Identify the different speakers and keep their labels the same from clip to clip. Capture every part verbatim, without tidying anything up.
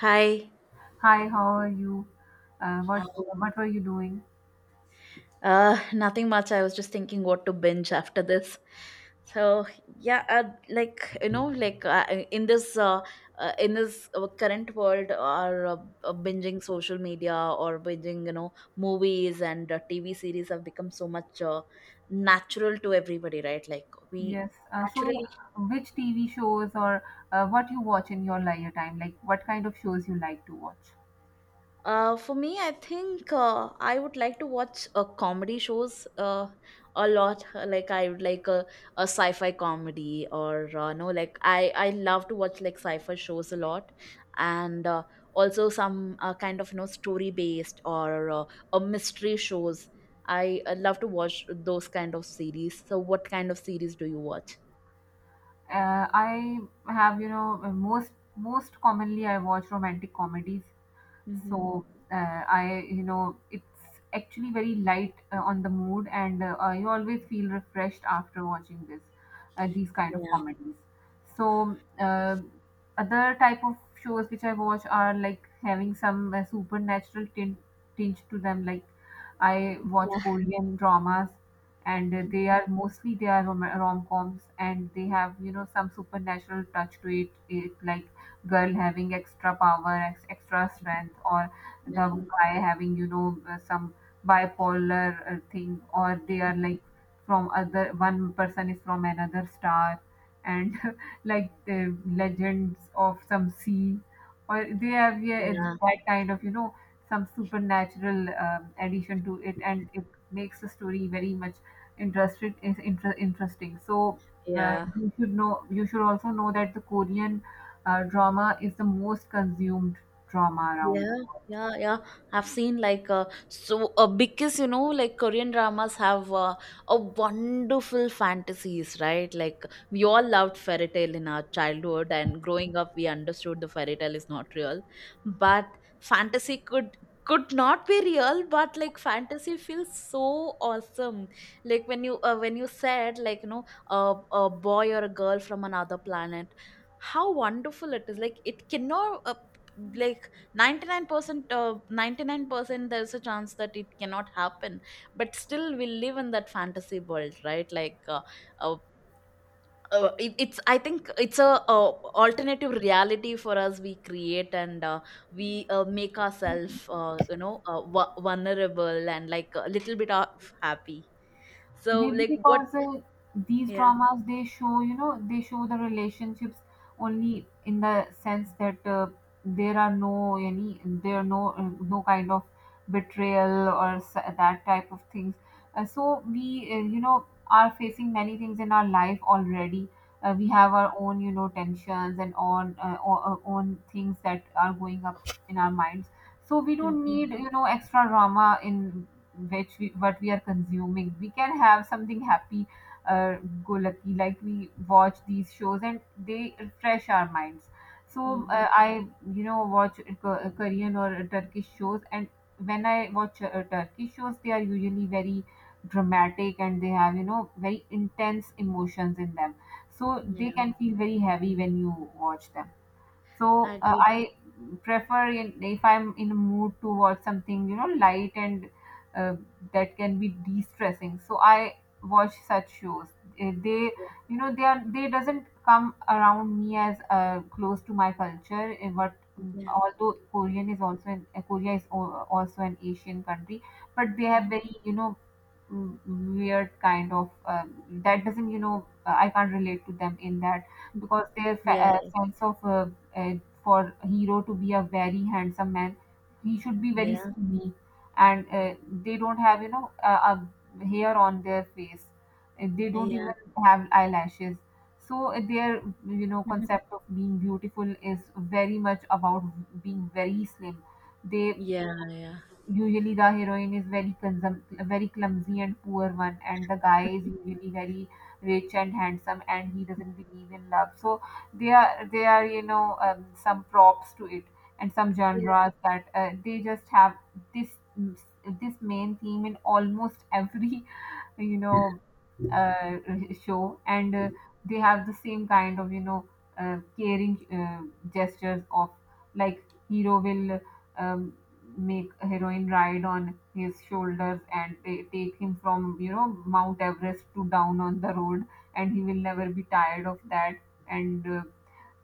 Speaker 1: Hi.
Speaker 2: Hi, how are you? Uh, what
Speaker 1: Hi.
Speaker 2: what were you doing?
Speaker 1: Uh, nothing much. I was just thinking what to binge after this. So yeah, uh, like you know, like uh, in this uh, uh, in this uh, current world, our uh, uh, binging social media or binging you know movies and uh, T V series have become so much uh, natural to everybody, right? Like we
Speaker 2: Yes. Uh, so,
Speaker 1: naturally.
Speaker 2: which T V shows or uh, what you watch in your leisure time? Like, what kind of shows you like to watch?
Speaker 1: Uh, for me, I think uh, I would like to watch uh, comedy shows uh, a lot. Uh, Like I would like a, a sci-fi comedy, or uh, no, like I I love to watch like sci-fi shows a lot, and uh, also some uh, kind of you know story based or uh, a mystery shows. I uh, love to watch those kind of series. So, what kind of series do you watch?
Speaker 2: Uh, I have, you know, most most commonly I watch romantic comedies. So
Speaker 1: Hmm.
Speaker 2: uh, I you know It's actually very light uh, on the mood, and uh, I always feel refreshed after watching this uh, these kind of
Speaker 1: Yeah.
Speaker 2: comedies. so uh, Other type of shows which I watch are like having some uh, supernatural tint, tinge to them, like I watch
Speaker 1: Yeah.
Speaker 2: Korean dramas, and uh, they are mostly they are rom- rom-coms, and they have, you know, some supernatural touch to it, it like girl having extra power, ex- extra strength, or the
Speaker 1: Yeah,
Speaker 2: guy having, you know, uh, some bipolar uh, thing, or they are like from other one person is from another star, and like the legends of some sea, or they have, yeah,
Speaker 1: yeah.
Speaker 2: uh, that kind of, you know, some supernatural um, addition to it, and it makes the story very much interested is inter- interesting. So uh,
Speaker 1: Yeah.
Speaker 2: you should know you should also know that the Korean uh, drama is the most consumed drama around the
Speaker 1: Yeah,
Speaker 2: world.
Speaker 1: yeah, yeah. I've seen like uh, so uh, because you know like Korean dramas have uh, a wonderful fantasies, right? Like we all loved fairy tale in our childhood, and growing up we understood the fairy tale is not real, but fantasy could could not be real, but like fantasy feels so awesome. Like when you uh, when you said, like, you know a, a boy or a girl from another planet, how wonderful it is. Like it cannot, uh, like, ninety-nine percent uh, ninety-nine percent there's a chance that it cannot happen, but still we live in that fantasy world, right? Like uh, uh, uh, it, it's, I think, it's a uh, alternative reality for us we create, and uh, we uh, make ourselves uh, you know uh, vu- vulnerable, and like a little bit of happy. So
Speaker 2: Maybe
Speaker 1: like what.
Speaker 2: because uh, these
Speaker 1: Yeah.
Speaker 2: dramas they show, you know, they show the relationships only in the sense that uh, there are no any there are no uh, no kind of betrayal or s- that type of things. Uh, so we uh, you know are facing many things in our life already. Uh, we have our own, you know, tensions and on uh, o- uh, own things that are going up in our minds, so we don't
Speaker 1: Mm-hmm.
Speaker 2: need, you know, extra drama in which we what we are consuming. We can have something happy uh, go lucky, like we watch these shows and they refresh our minds. so
Speaker 1: Mm-hmm.
Speaker 2: uh, i you know watch Ko- korean or Turkish shows, and when I watch uh, Turkish shows, they are usually very dramatic, and they have, you know, very intense emotions in them, so they
Speaker 1: Yeah,
Speaker 2: can feel very heavy when you watch them.
Speaker 1: I
Speaker 2: So uh,
Speaker 1: agree.
Speaker 2: I prefer in, if I'm in a mood to watch something, you know, light and uh, that can be de-stressing. So I watch such shows. Eh, They
Speaker 1: Yeah,
Speaker 2: you know they are they doesn't come around me as uh, close to my culture. eh, But
Speaker 1: yeah,
Speaker 2: although Korean is also an, eh, Korea is al- also an Asian country, but they have very, you know, mm, weird kind of um, that doesn't you know I can't relate to them in that because their
Speaker 1: yeah,
Speaker 2: fa- uh,
Speaker 1: yeah,
Speaker 2: sense of uh, uh, for a hero to be a very handsome man, he should be very
Speaker 1: yeah,
Speaker 2: skinny, and uh, they don't have, you know, uh, a hair on their face, and they don't even
Speaker 1: yeah,
Speaker 2: have eyelashes. So uh, their, you know, concept of being beautiful is very much about being very slim. They
Speaker 1: yeah,
Speaker 2: usually the heroine is very consum- very clumsy and poor one, and the guy is
Speaker 1: yeah.
Speaker 2: usually very rich and handsome, and he doesn't believe in love. So they are they are you know um, some props to it and some
Speaker 1: Yeah,
Speaker 2: genres that uh, they just have this this main theme in almost every you know uh, show. And uh, they have the same kind of, you know, uh, caring uh, gestures of like hero will um, make a heroine ride on his shoulders and they take him from, you know, Mount Everest to down on the road, and he will never be tired of that. and uh,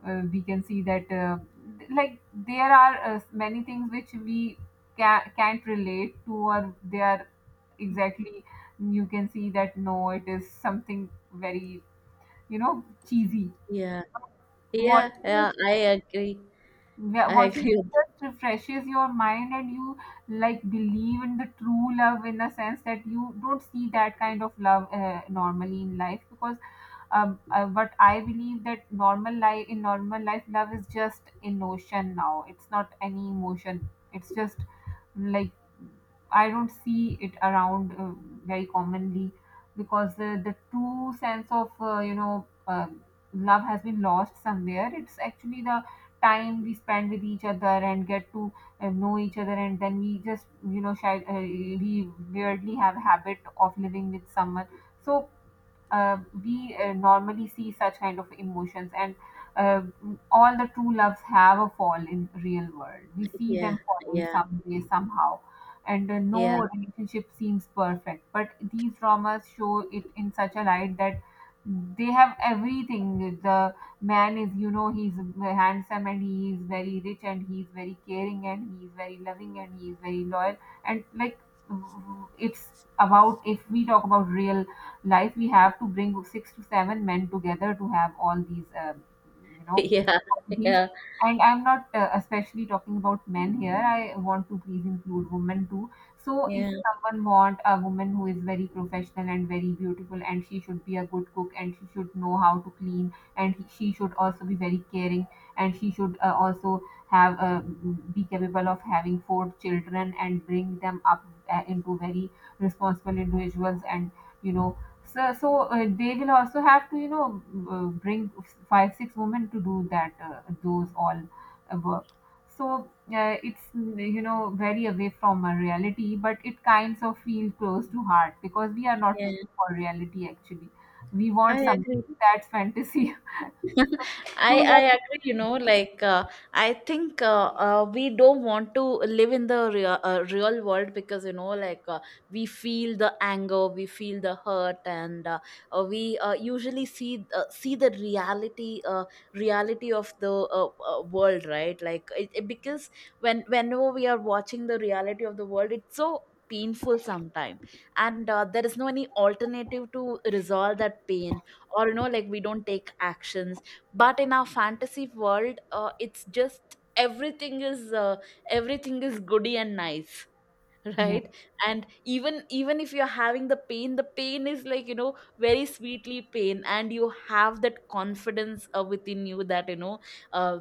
Speaker 2: uh, we can see that uh, th- like there are uh, many things which we ca- can't relate to, or they are exactly you can see that no it is something very, you know, cheesy.
Speaker 1: yeah, yeah.
Speaker 2: Watching
Speaker 1: Yeah,
Speaker 2: it
Speaker 1: I agree.
Speaker 2: wa-
Speaker 1: I
Speaker 2: watching
Speaker 1: agree. with-
Speaker 2: it just refreshes your mind, and you like believe in the true love in a sense that you don't see that kind of love uh, normally in life, because um, uh, but I believe that normal life in normal life, love is just in notion now. It's not any emotion. It's just like I don't see it around uh, very commonly because the, the true sense of uh, you know um love has been lost somewhere. It's actually the time we spend with each other and get to uh, know each other, and then we just you know shy, uh, we weirdly have a habit of living with someone. So uh, we uh, normally see such kind of emotions, and uh, all the true loves have a fall. In real world, we see
Speaker 1: Yeah,
Speaker 2: them falling
Speaker 1: yeah,
Speaker 2: someday somehow, and uh,
Speaker 1: yeah,
Speaker 2: no relationship seems perfect, but these dramas show it in such a light that they have everything. The man is, you know, he's handsome, and he is very rich, and he's very caring, and he's very loving, and he's very loyal. And like it's about if we talk about real life, we have to bring six to seven men together to have all these uh, you know
Speaker 1: yeah,
Speaker 2: these.
Speaker 1: yeah,
Speaker 2: And I'm not uh, especially talking about men here, I want to please include women too. So if
Speaker 1: yeah,
Speaker 2: someone want a woman who is very professional and very beautiful, and she should be a good cook, and she should know how to clean, and he- she should also be very caring, and she should uh, also have uh, be capable of having four children and bring them up uh, into very responsible individuals, and you know so, so uh, they will also have to, you know, uh, bring five, six women to do that, uh, those all uh, work. So uh, it's, mm, you know, very away from a reality, but it kinds of feel close to heart because we are not
Speaker 1: yeah.
Speaker 2: looking for reality actually. We
Speaker 1: I
Speaker 2: want something
Speaker 1: agree.
Speaker 2: that's fantasy. so,
Speaker 1: I
Speaker 2: true
Speaker 1: I
Speaker 2: love.
Speaker 1: agree, you know, like, uh, I think uh, uh, we don't want to live in the real, uh, real world, because, you know, like, uh, we feel the anger, we feel the hurt, and uh, uh, we uh, usually see uh, see the reality, uh, reality of the uh, uh, world, right? Like, it, it- because when whenever we are watching the reality of the world, it's so painful sometimes, and uh, there is no any alternative to resolve that pain, or you know like we don't take actions. But in our fantasy world, uh, it's just everything is, uh, everything is goody and nice,
Speaker 2: Yes.
Speaker 1: right? And even even if you're having the pain, the pain is like, you know very sweetly pain, and you have that confidence uh, within you, that you know, uh,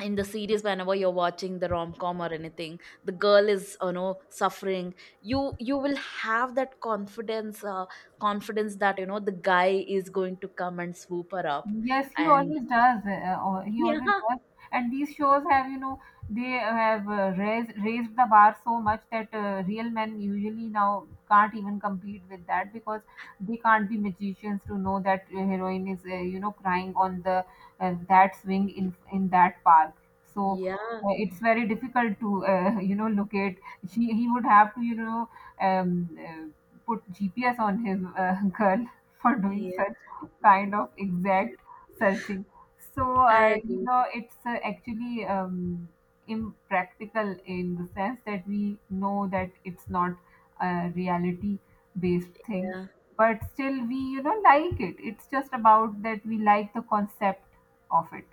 Speaker 1: in the series whenever you're watching the rom-com or anything, the girl is, you know suffering, you you will have that confidence, uh, confidence that you know the guy is going to come and swoop her up.
Speaker 2: Yes, he
Speaker 1: And
Speaker 2: always does. Uh, or he
Speaker 1: yeah.
Speaker 2: always does. And these shows have, you know, they have uh, raised raised the bar so much that uh, real men usually now can't even compete with that because they can't be magicians to know that uh, heroine is, uh, you know, crying on the uh, that swing in in that park. So
Speaker 1: Yeah,
Speaker 2: uh, it's very difficult to, uh, you know, locate. She He would have to, you know, um, uh, put G P S on his uh, girl for doing
Speaker 1: yeah,
Speaker 2: such kind of exact searching. So,
Speaker 1: I
Speaker 2: uh, you
Speaker 1: agree.
Speaker 2: know, it's uh, actually um, impractical in the sense that we know that it's not a reality based thing,
Speaker 1: Yeah.
Speaker 2: but still we, you know, like it. It's just about that we like the concept of it.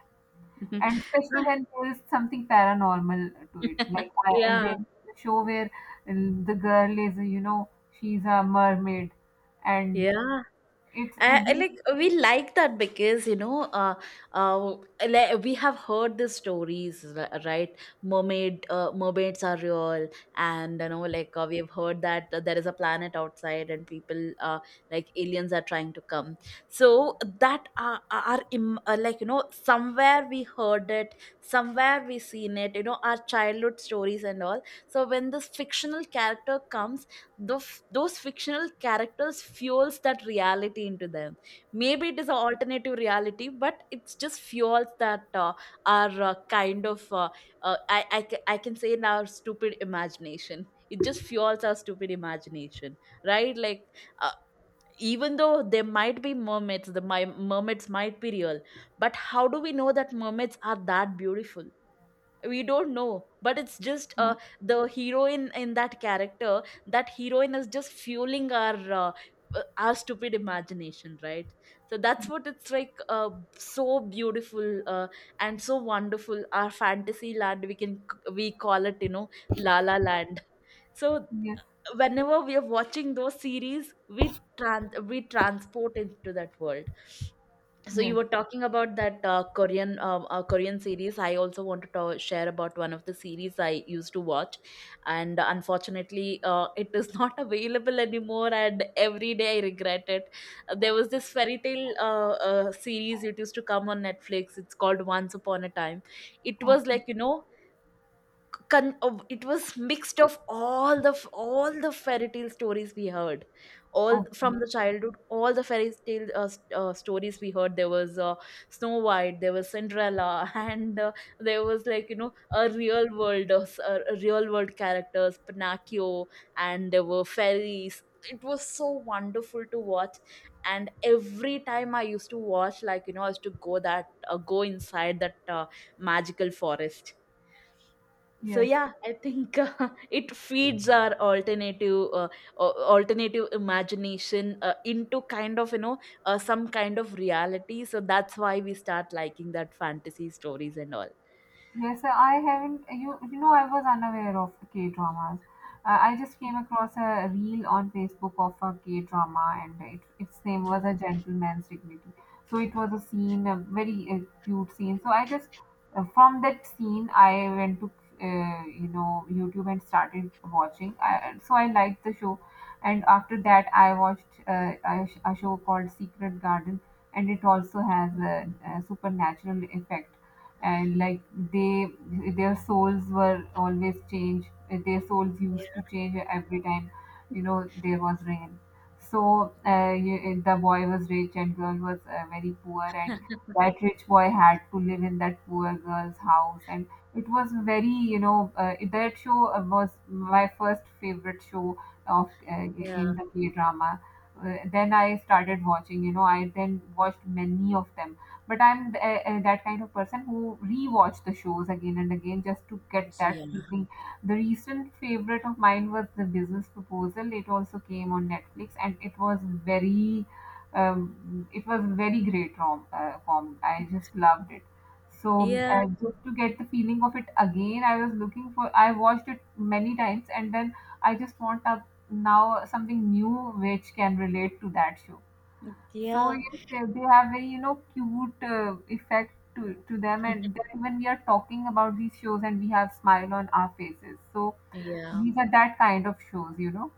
Speaker 2: And especially
Speaker 1: Ah.
Speaker 2: when there is something paranormal to it. Like I,
Speaker 1: Yeah,
Speaker 2: there's a show where uh, the girl is, you know, she's a mermaid and
Speaker 1: yeah.
Speaker 2: it's,
Speaker 1: I I
Speaker 2: it,
Speaker 1: like we like that, because, you know uh, uh, like, we have heard the stories, r- right? Mermaid uh, mermaids are real. And you know like, uh, we've heard that uh, there is a planet outside and people, uh, like aliens are trying to come. So that are, are im- uh, like, you know somewhere we heard it, somewhere we seen it. You know our childhood stories and all. So when this fictional character comes, the f- those fictional characters fuels that reality into them. Maybe it is an alternative reality, but it's just fuels that, uh, our, uh, kind of, uh, uh, I, I, ca- I can say, in our stupid imagination, it just fuels our stupid imagination, right? Like uh, even though there might be mermaids, the my, mermaids might be real. But how do we know that mermaids are that beautiful? We don't know. But it's just, uh, the heroine in that character, that heroine is just fueling our, uh, uh, our stupid imagination, right? So that's what it's like. Uh, so beautiful, uh, and so wonderful, our fantasy land. We can we call it, you know la la land. So
Speaker 2: yes,
Speaker 1: whenever we are watching those series, we trans we transport into that world. So you
Speaker 2: yes.
Speaker 1: were talking about that uh, Korean, uh, uh, Korean series. I also wanted to ta- share about one of the series I used to watch, and unfortunately, uh, it is not available anymore. And every day I regret it. There was this fairy tale, uh, uh, series. It used to come on Netflix. It's called Once Upon a Time. It was
Speaker 2: Okay.
Speaker 1: like, you know con- of- it was mixed of all the f- all the fairy tale stories we heard, all
Speaker 2: Okay.
Speaker 1: from the childhood, all the fairy tale, uh, s- uh, stories we heard. There was uh, Snow White, there was Cinderella, and uh, there was, like, you know a real world uh, s- uh, a real world characters, Pinocchio. And there were fairies. It was so wonderful to watch. And every time I used to watch, like, you know I used to go that uh, go inside that uh, magical forest. So
Speaker 2: Yes.
Speaker 1: yeah, I think uh, it feeds our alternative, uh, a- alternative imagination, uh, into kind of, you know uh, some kind of reality. So that's why we start liking that fantasy stories and all.
Speaker 2: Yes, sir, I haven't. You, you know, I was unaware of K dramas. Uh, I just came across a reel on Facebook of a K drama, and it, its name was A Gentleman's Dignity. So it was a scene, a very uh, cute scene. So I just, uh, from that scene, I went to, uh, you know, YouTube and started watching. I, so I liked the show, and after that, I watched uh, a, sh- a show called Secret Garden, and it also has a, a supernatural effect, and like they their souls were always changed, their souls
Speaker 1: Yeah.
Speaker 2: used to change every time you know there was rain. So uh, you- the boy was rich and girl was uh, very poor, and that rich boy had to live in that poor girl's house, and it was very you know uh, that show uh, was my first favorite show of uh,
Speaker 1: Yeah.
Speaker 2: in the K drama. Uh, then I started watching, you know, I then watched many of them, but i'm th- uh, uh, that kind of person who rewatch the shows again and again just to get that
Speaker 1: Yeah,
Speaker 2: feeling. The recent favorite of mine was The Business Proposal, it also came on Netflix, and it was very um, it was very great rom- uh, com, I just loved it. So
Speaker 1: yeah,
Speaker 2: uh, just to get the feeling of it again, I was looking for I watched it many times, and then I just want a, now something new which can relate to that show. So
Speaker 1: yeah.
Speaker 2: yes, they, they have very, you know, cute uh, effect to to them, and then when we are talking about these shows and we have smile on our faces, so
Speaker 1: Yeah.
Speaker 2: these are that kind of shows, you know.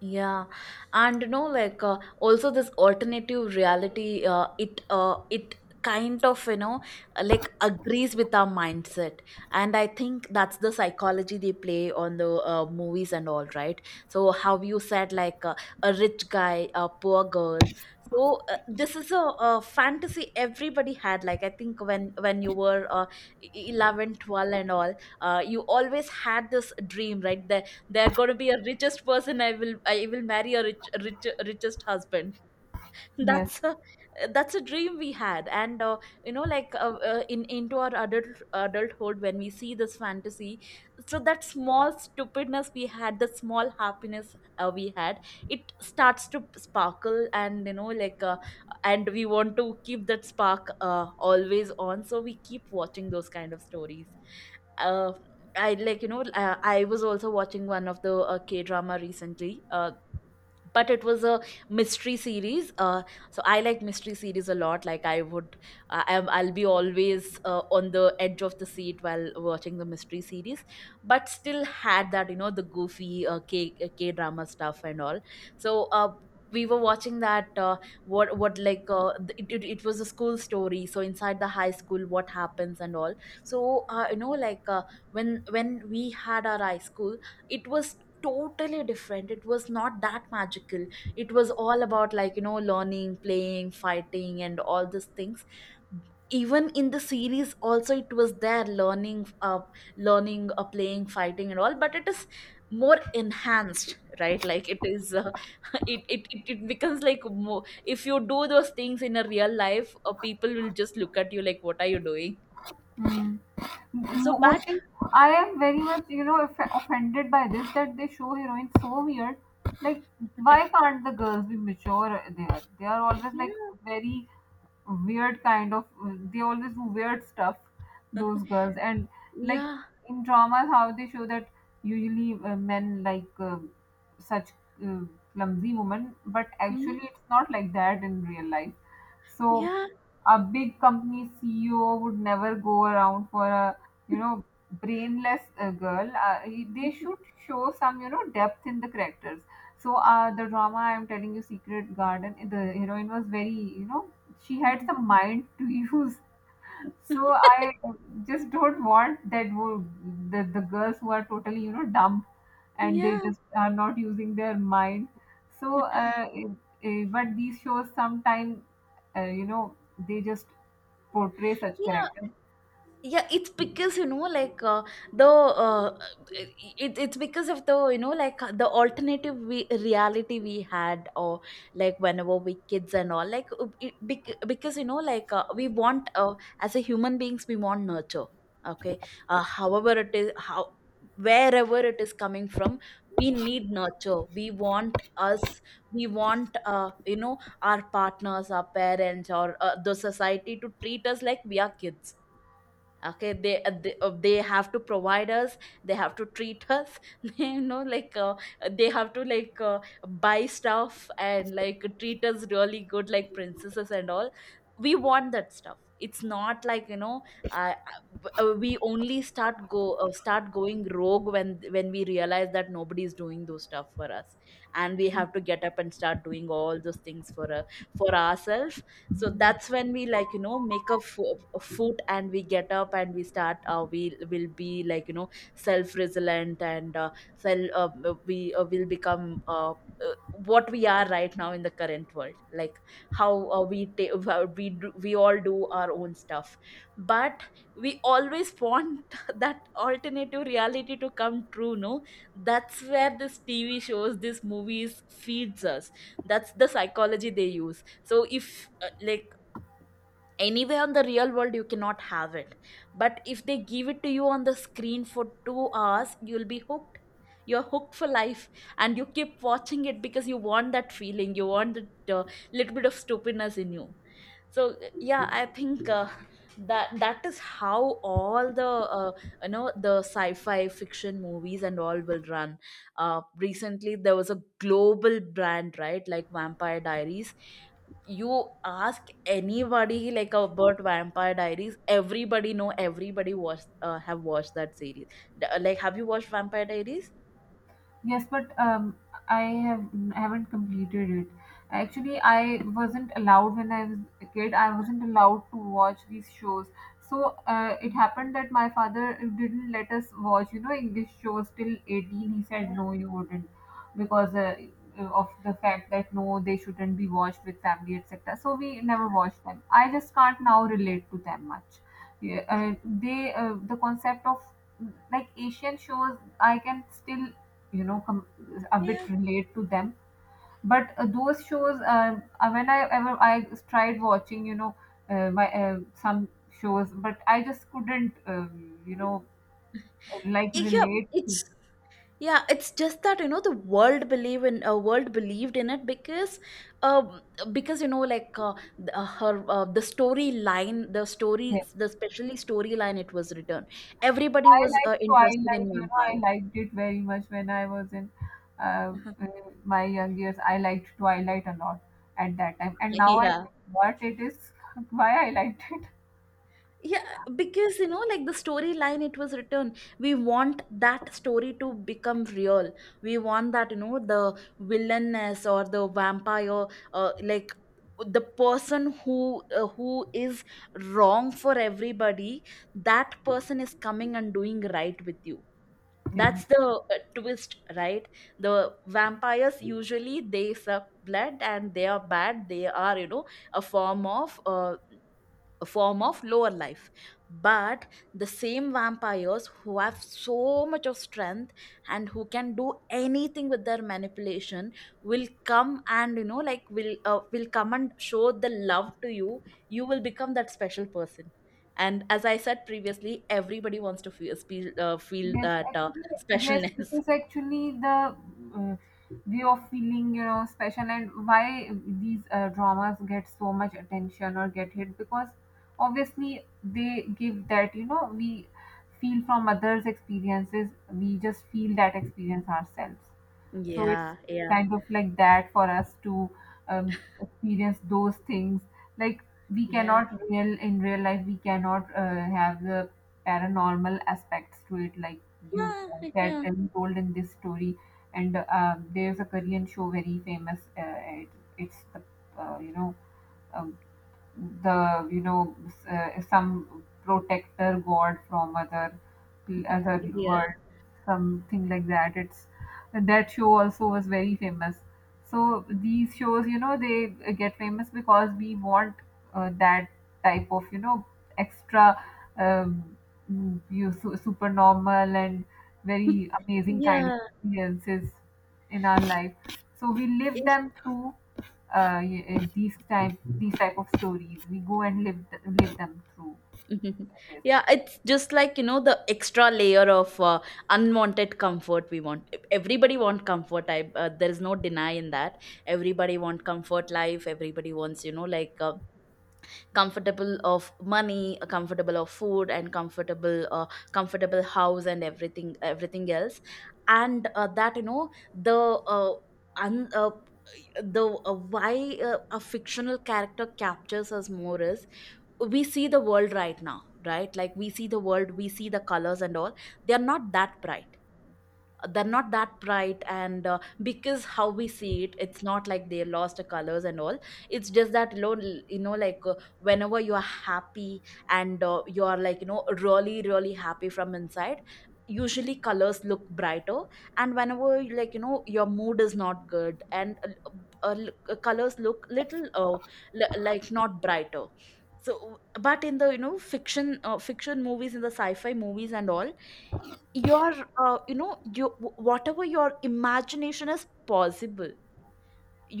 Speaker 1: Yeah, and, you know, like, uh, also this alternative reality, uh, it uh, it kind of, you know uh, like, agrees with our mindset, and I think that's the psychology they play on the, uh, movies and all, right? So how you said, like, uh, a rich guy, a poor girl. So uh, this is a, a fantasy everybody had. Like I think when when you were, uh, e-, eleven, twelve and all, uh, you always had this dream, right? They're going to be a richest person, I will, i will marry a rich, rich richest husband.
Speaker 2: Yes.
Speaker 1: that's a that's a dream we had. And uh, you know like, uh, uh, in into our adult adulthood, when we see this fantasy, so that small stupidness we had, the small happiness uh, we had, it starts to sparkle. And you know like, uh, and we want to keep that spark uh, always on, so we keep watching those kind of stories. uh, I like, you know uh, I was also watching one of the uh, K drama recently. Uh, but it was a mystery series. Uh, so i like mystery series a lot. Like I would, I, I'm- I'll be always uh, on the edge of the seat while watching the mystery series, but still had that, you know the goofy uh, k k drama stuff and all. So uh, we were watching that, uh, what what, like, uh, th- it, it, it was a school story. So inside the high school, what happens and all. So uh, you know like, uh, when when we had our high school, it was totally different. It was not that magical. It was all about, like, you know learning, playing, fighting, and all these things. Even in the series also it was there, learning uh learning, uh, playing, fighting, and all, but it is more enhanced, right? Like it is uh, it, it it it becomes like more. If you do those things in a real life, uh, people will just look at you like, what are you doing.
Speaker 2: Mm.
Speaker 1: So but
Speaker 2: Mostly, I am very much, you know, off- offended by this that they show heroines so weird. Like, why can't the girls be mature? They are, they are always like
Speaker 1: yeah.
Speaker 2: very weird kind of. They always do weird stuff. Those girls and like
Speaker 1: Yeah.
Speaker 2: in dramas, how they show that usually uh, men like uh, such uh, clumsy women, but actually
Speaker 1: Mm,
Speaker 2: it's not like that in real life. So
Speaker 1: yeah.
Speaker 2: a big company C E O would never go around for a you know brainless uh, girl. Uh, he- they should show some you know depth in the characters. So uh, the drama I'm telling you, Secret Garden, the heroine was very you know she had some mind to use. So I just don't want that wo- the, the girls who are totally you know dumb and they
Speaker 1: Yeah.
Speaker 2: just are not using their mind. So, uh, eh, eh, but these shows sometimes uh, you know they just portray such
Speaker 1: Yeah.
Speaker 2: characters.
Speaker 1: Yeah, it's because you know like uh, the uh, it, it's because of the you know like uh, the alternative we, reality we had, or like whenever we kids and all like uh, it, bec- because you know like uh, we want uh, as a human beings we want nurture. Okay. Uh, however it is, how wherever it is coming from, we need nurture. We want us, we want uh, you know our partners, our parents, or uh, the society to treat us like we are kids. Okay. They uh, they, uh, they have to provide us. They have to treat us you know like uh, they have to like uh, buy stuff and like treat us really good like princesses and all. We want that stuff. It's not like you know uh, uh, we only start go uh, start going rogue when when we realize that nobody is doing those stuff for us, and we have to get up and start doing all those things for uh, for ourselves. So that's when we like you know make a fo- a foot, and we get up, and we start uh, we will be like you know self resilient, and uh, self uh, we uh, will become uh, uh, what we are right now in the current world, like how uh, we ta- how we do, we all do our own stuff. But we always want that alternative reality to come true, no? That's where this tv shows, this movies feeds us. That's the psychology they use. So if uh, like anywhere on the real world, you cannot have it. But if they give it to you on the screen for two hours, you'll be hooked. You're hooked for life. And you keep watching it because you want that feeling. You want that uh, little bit of stupidness in you. So yeah, I think uh, that that is how all the uh, you know the sci-fi fiction movies and all will run. Uh, recently there was a global brand, right, like Vampire Diaries. You ask anybody like about Vampire Diaries, everybody know, everybody watched uh, have watched that series. D- like, have you watched Vampire Diaries?
Speaker 2: Yes, but um, I have haven't completed it. Actually, I wasn't allowed when I was a kid. I wasn't allowed to watch these shows. So uh, it
Speaker 1: Mm.
Speaker 2: happened that my father didn't let us watch, you know, English shows till eighteen. He said
Speaker 1: Yeah.
Speaker 2: no, you wouldn't, because uh, of the fact that no, they shouldn't be watched with family, et cetera. So we never watched them. I just can't now relate to them much. Yeah, uh, they uh, the concept of like Asian shows, I can still you know com- a bit
Speaker 1: Yeah,
Speaker 2: relate to them, but uh, those shows um, uh, when i ever i tried watching, you know, uh, my uh, some shows, but I just couldn't, um, you know, like
Speaker 1: yeah,
Speaker 2: relate
Speaker 1: it's
Speaker 2: to
Speaker 1: yeah, it's just that you know the world believe in, uh, world believed in it, because um, because you know like uh, the, uh, her uh, the storyline, the story,
Speaker 2: them.
Speaker 1: the especially storyline it was written. Everybody
Speaker 2: I
Speaker 1: was
Speaker 2: liked
Speaker 1: uh, interested
Speaker 2: Twilight,
Speaker 1: in
Speaker 2: you know, I
Speaker 1: vampire.
Speaker 2: liked it very much when I was in uh, uh, my young years. I liked Twilight a lot at that time, and now I
Speaker 1: Yeah.
Speaker 2: think what it is, why I liked it
Speaker 1: Yeah, because you know, like the storyline it was written, we want that story to become real. We want that, you know, the villainess or the vampire, uh, like the person who uh, who is wrong for everybody, that person is coming and doing right with you. That's
Speaker 2: thing.
Speaker 1: the uh, twist, right? The vampires usually they suck blood, and they are bad. They are you know a form of uh, a form of lower life. But the same vampires who have so much of strength and who can do anything with their manipulation, will come and you know like, will uh, will come and show the love to you. You will become that special person. And as I said previously, everybody wants to feel feel, uh, feel
Speaker 2: Yes,
Speaker 1: that uh,
Speaker 2: actually, yes, it
Speaker 1: specialness.
Speaker 2: is actually the uh, way of feeling, you know, special and why these uh, dramas get so much attention or get hit because obviously they give that, you know, we feel from others' experiences, we just feel that experience ourselves. So it's
Speaker 1: Yeah, yeah,
Speaker 2: kind of like that for us to um, experience those things. Like we
Speaker 1: yeah,
Speaker 2: cannot real in real life, we cannot uh, have the paranormal aspects to it. Like you said
Speaker 1: yeah,
Speaker 2: and told in this story, and uh, there's a Korean show very famous. Uh, it, it's the uh, you know. Um, the, you know, s- uh, some protector god from other other
Speaker 1: yeah,
Speaker 2: world, something like that. It's that show also was very famous. So these shows, you know, they uh, get famous because we want uh, that type of, you know, extra, um, mm, you su- super normal and very amazing kind of
Speaker 1: yeah,
Speaker 2: experiences in our life. So we live
Speaker 1: yeah.
Speaker 2: them through uh, y- uh, these type these type of stories. We go and live th- live them through.
Speaker 1: Mhm.
Speaker 2: This.
Speaker 1: Yeah, it's just like, you know, the extra layer of uh, unwanted comfort we want. E- Everybody want comfort. I, uh, there is no denying that. Everybody want comfort life. Everybody wants, you know, like uh, comfortable of money, uh, comfortable of food, and comfortable, uh, comfortable house, and everything, everything else. And uh, that, you know, the, uh, un, uh, the uh, why uh, a fictional character captures us more is, we see the world right now, right? Like, we see the world, we see the colors and all. They are not that bright. They're not that bright. And uh, because how we see it, it's not like they lost the colors and all. It's just that, you know, l- you know like uh, whenever you are happy and uh, you are like you know really really happy from inside, usually colors look brighter. And whenever you like, you know your mood is not good, and uh, uh, l- uh, colors look little uh, li- like not brighter. So but in the you know fiction uh, fiction movies, in the sci-fi movies and all, your uh, you know you whatever your imagination is possible.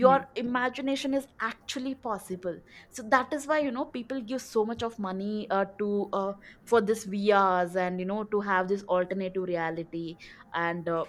Speaker 2: Yes.
Speaker 1: imagination is actually possible. So that is why you know people give so much of money uh, to uh, for this vrs, and you know to have this alternative reality, and uh,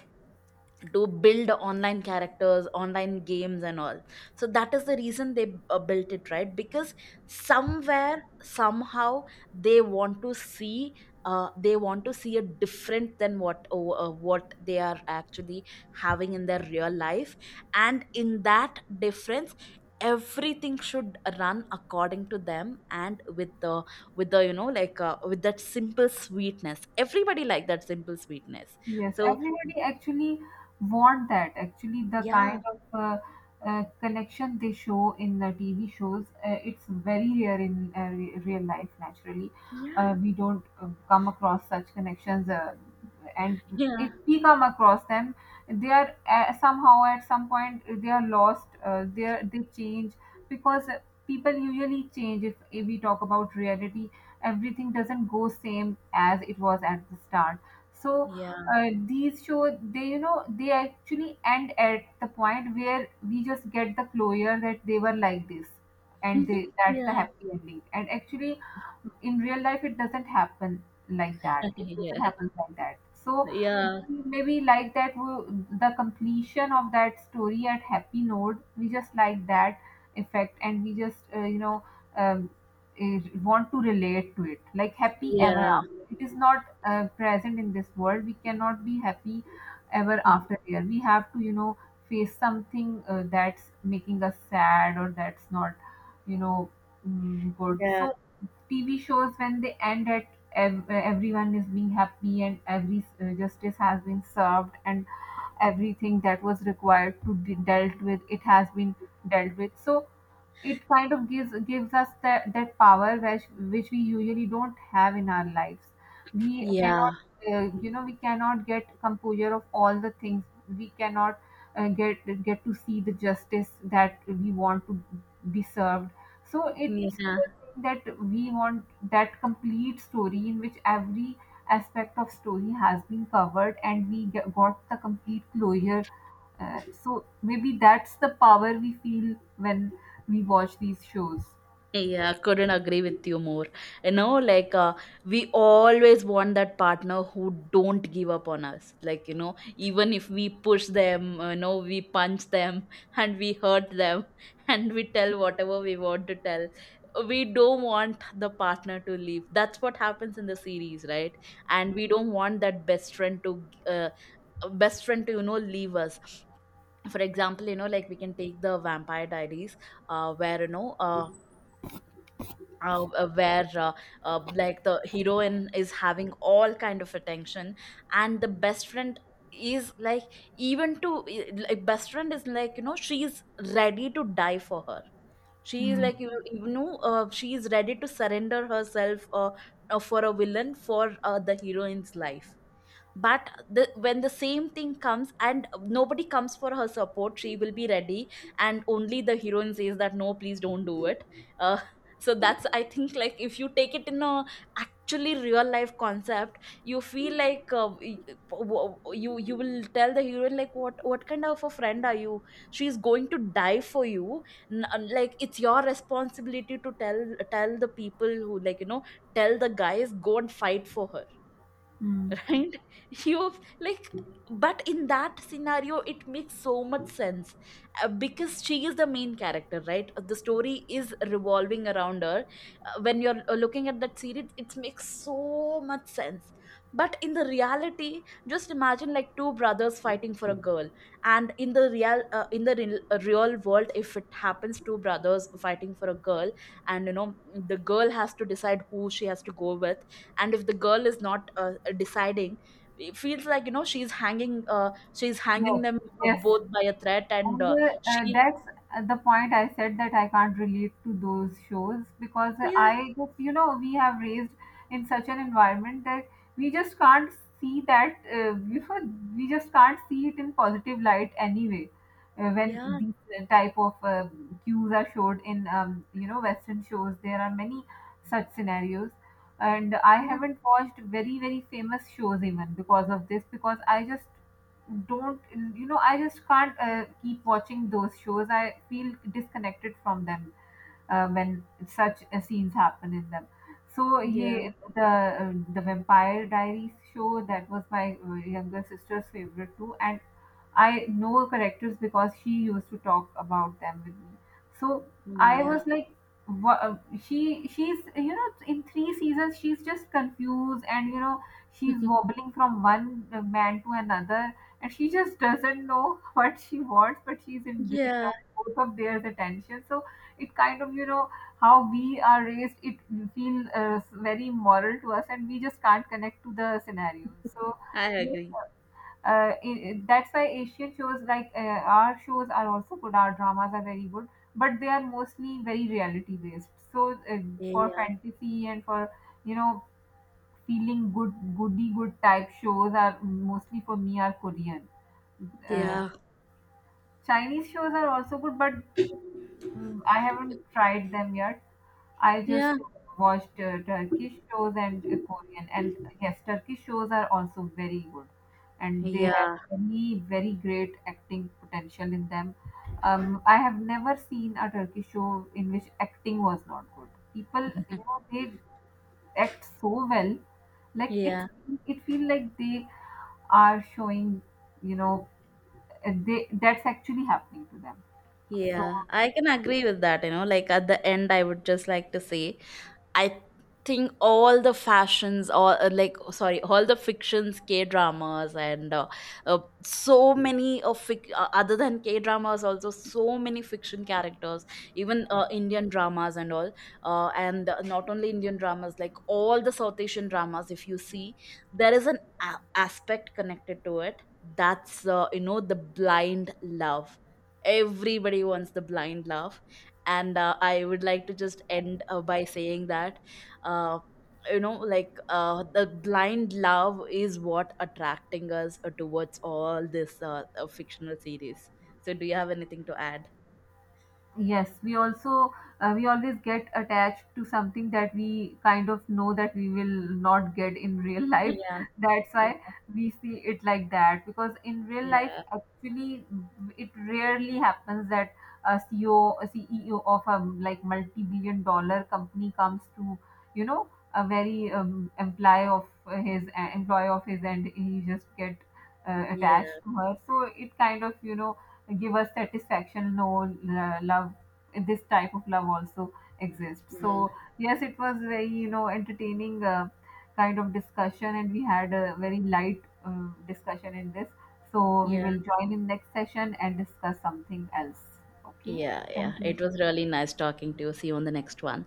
Speaker 1: to build online characters, online games, and all. So that is the reason they uh, built it, right? Because somewhere, somehow, they want to see, uh, they want to see a different than what oh, uh, what they are actually having in their real life. And in that difference, everything should run according to them, and with the, with the you know like, uh, with that simple sweetness. Everybody like that simple sweetness.
Speaker 2: Yes,
Speaker 1: So
Speaker 2: everybody actually want that. Actually, the
Speaker 1: yeah,
Speaker 2: kind of uh, uh, connection they show in the T V shows, uh, it's very rare in uh, re- real life. Naturally,
Speaker 1: yeah.
Speaker 2: uh, we don't uh, come across such connections, uh, and
Speaker 1: Yeah.
Speaker 2: if we come across them, they are uh, somehow at some point they are lost. Uh, they are, they change because people usually change. If, if we talk about reality, everything doesn't go same as it was at the start. So
Speaker 1: Yeah.
Speaker 2: uh, these show they, you know, they actually end at the point where we just get the closure that they were like this, and they that's the
Speaker 1: Yeah.
Speaker 2: happy ending, and actually in real life it doesn't happen like that, it
Speaker 1: Yeah.
Speaker 2: doesn't
Speaker 1: Yeah.
Speaker 2: happen like that. So
Speaker 1: Yeah.
Speaker 2: maybe like that wo- the completion of that story at happy note, we just like that effect, and we just uh, you know, um, eh, want to relate to it like happy ever after. It is not uh, present in this world. We cannot be happy ever after there. We have to, you know, face something uh, that's making us sad or that's not, you know, mm, good.
Speaker 1: Yeah.
Speaker 2: So TV shows when they end at ev- uh, everyone is being happy and every uh, justice has been served and everything that was required to be dealt with, it has been dealt with, so it kind of gives gives us that, that power which which we usually don't have in our lives. We
Speaker 1: Yeah.
Speaker 2: cannot uh, you know, we cannot get composure of all the things. We cannot uh, get get to see the justice that we want to be served. So it's
Speaker 1: Yeah.
Speaker 2: that we want that complete story in which every aspect of story has been covered and we get, got the complete closure. Uh, so maybe that's the power we feel when we watch these shows.
Speaker 1: Yeah. Couldn't agree with you more. You know, like uh, we always want that partner who don't give up on us. Like, you know, even if we push them, uh, you know, we punch them and we hurt them, and we tell whatever we want to tell. We don't want the partner to leave. That's what happens in the series, right? And we don't want that best friend to uh, best friend to you know leave us. For example, you know like, we can take the Vampire Diaries, uh where, you know uh uh, uh, where uh, uh, like the heroine is having all kind of attention, and the best friend is like, even to like, best friend is like, you know she's ready to die for her. She is
Speaker 2: Mm,
Speaker 1: like, you, you know uh, she is ready to surrender herself uh, uh, for a villain, for uh, the heroine's life. But the when the same thing comes and nobody comes for her support, she will be ready, and only the heroine says that no, please don't do it. uh, so that's, I think, like, if you take it in a, actually, real life concept, you feel like uh, y- w- you you will tell the heroine like, what what kind of a friend are you? She's going to die for you. N- uh, like, it's your responsibility to tell tell the people who like, you know tell the guys, go and fight for her,
Speaker 2: mm.
Speaker 1: right? you like But in that scenario it makes so much sense, uh, because she is the main character, right? Uh, the story is revolving around her. Uh, when you're uh, looking at that series, it makes so much sense. But in the reality, just imagine like two brothers fighting for a girl. And in the real uh, in the real, uh, real world, if it happens, two brothers fighting for a girl, and you know the girl has to decide who she has to go with. And if the girl is not uh, deciding, it feels like, you know she's hanging uh, she's hanging
Speaker 2: Yes,
Speaker 1: them uh,
Speaker 2: yes,
Speaker 1: both by a thread, and
Speaker 2: and
Speaker 1: uh,
Speaker 2: uh, uh,
Speaker 1: she...
Speaker 2: that's uh, the point I said that I can't relate to those shows because
Speaker 1: Yeah,
Speaker 2: I just, you know, we have raised in such an environment that we just can't see that, uh, you know, we just can't see it in positive light anyway. Uh, when
Speaker 1: yeah,
Speaker 2: these type of uh, cues are showed in, um, you know, Western shows, there are many such scenarios. And I
Speaker 1: yeah,
Speaker 2: haven't watched very, very famous shows even because of this, because I just don't, you know, I just can't uh, keep watching those shows. I feel disconnected from them uh, when such uh, scenes happen in them. So
Speaker 1: yeah,
Speaker 2: yeah, the uh, the Vampire Diaries show, that was my uh, younger sister's favorite too, and I know characters because she used to talk about them with me. So I
Speaker 1: yeah.
Speaker 2: was like, wha- uh, she she's you know, in three seasons she's just confused, and you know, she's wobbling from one uh, man to another, and she just doesn't know what she wants, but she's in, in
Speaker 1: Yeah,
Speaker 2: both of their attention. So it kind of, you know, how we are raised, it feel uh, very moral to us, and we just can't connect to the scenario. So
Speaker 1: I agree.
Speaker 2: uh, i- i- that's why Asian shows, like uh, our shows are also good, our dramas are very good, but they are mostly very reality based. So uh, for
Speaker 1: Yeah,
Speaker 2: fantasy and for, you know, feeling good, goody good type shows are mostly for me are Korean. uh,
Speaker 1: yeah,
Speaker 2: Chinese shows are also good, but Mm, I haven't tried them yet. I just
Speaker 1: yeah,
Speaker 2: watched uh, Turkish shows and uh, Korean. And yes, Turkish shows are also very good, and they have
Speaker 1: yeah.
Speaker 2: many very great acting potential in them. Um, I have never seen a Turkish show in which acting was not good. People, you know, they act so well, like it.
Speaker 1: Yeah,
Speaker 2: It feel like they are showing, you know, uh, they that's actually happening to them. So
Speaker 1: yeah, I can agree with that. You know, like at the end, I would just like to say, I think all the fashions, all uh, like, oh, sorry, all the fictions, K dramas, and uh, uh, so many of fic- uh, other than K dramas, also so many fiction characters, even uh, Indian dramas and all. Uh, and uh, not only Indian dramas, like all the South Asian dramas, if you see, there is an a- aspect connected to it. That's uh, you know the blind love. Everybody wants the blind love. And uh, I would like to just end uh, by saying that, uh, you know like uh, the blind love is what attracting us uh, towards all this uh, uh, fictional series. So do you have anything to add?
Speaker 2: yes, we also uh, we always get attached to something that we kind of know that we will not get in real life.
Speaker 1: Yeah,
Speaker 2: That's why we see it like that, because in real life,
Speaker 1: yeah,
Speaker 2: actually, it rarely happens that a C E O, C E O of a like multi-billion dollar company comes to, you know, a very um, employee of his, uh, employee of his, and he just get uh, attached
Speaker 1: yeah,
Speaker 2: to her. So it kind of, you know, give us satisfaction. No, l- love, this type of love also exists.
Speaker 1: yeah,
Speaker 2: So yes, it was very, you know, entertaining uh, kind of discussion, and we had a very light, um, discussion in this. So we
Speaker 1: yeah,
Speaker 2: will join in next session and discuss something else. Okay.
Speaker 1: yeah. Yeah,
Speaker 2: Thank you.
Speaker 1: it was really nice talking to you. See you on the next one.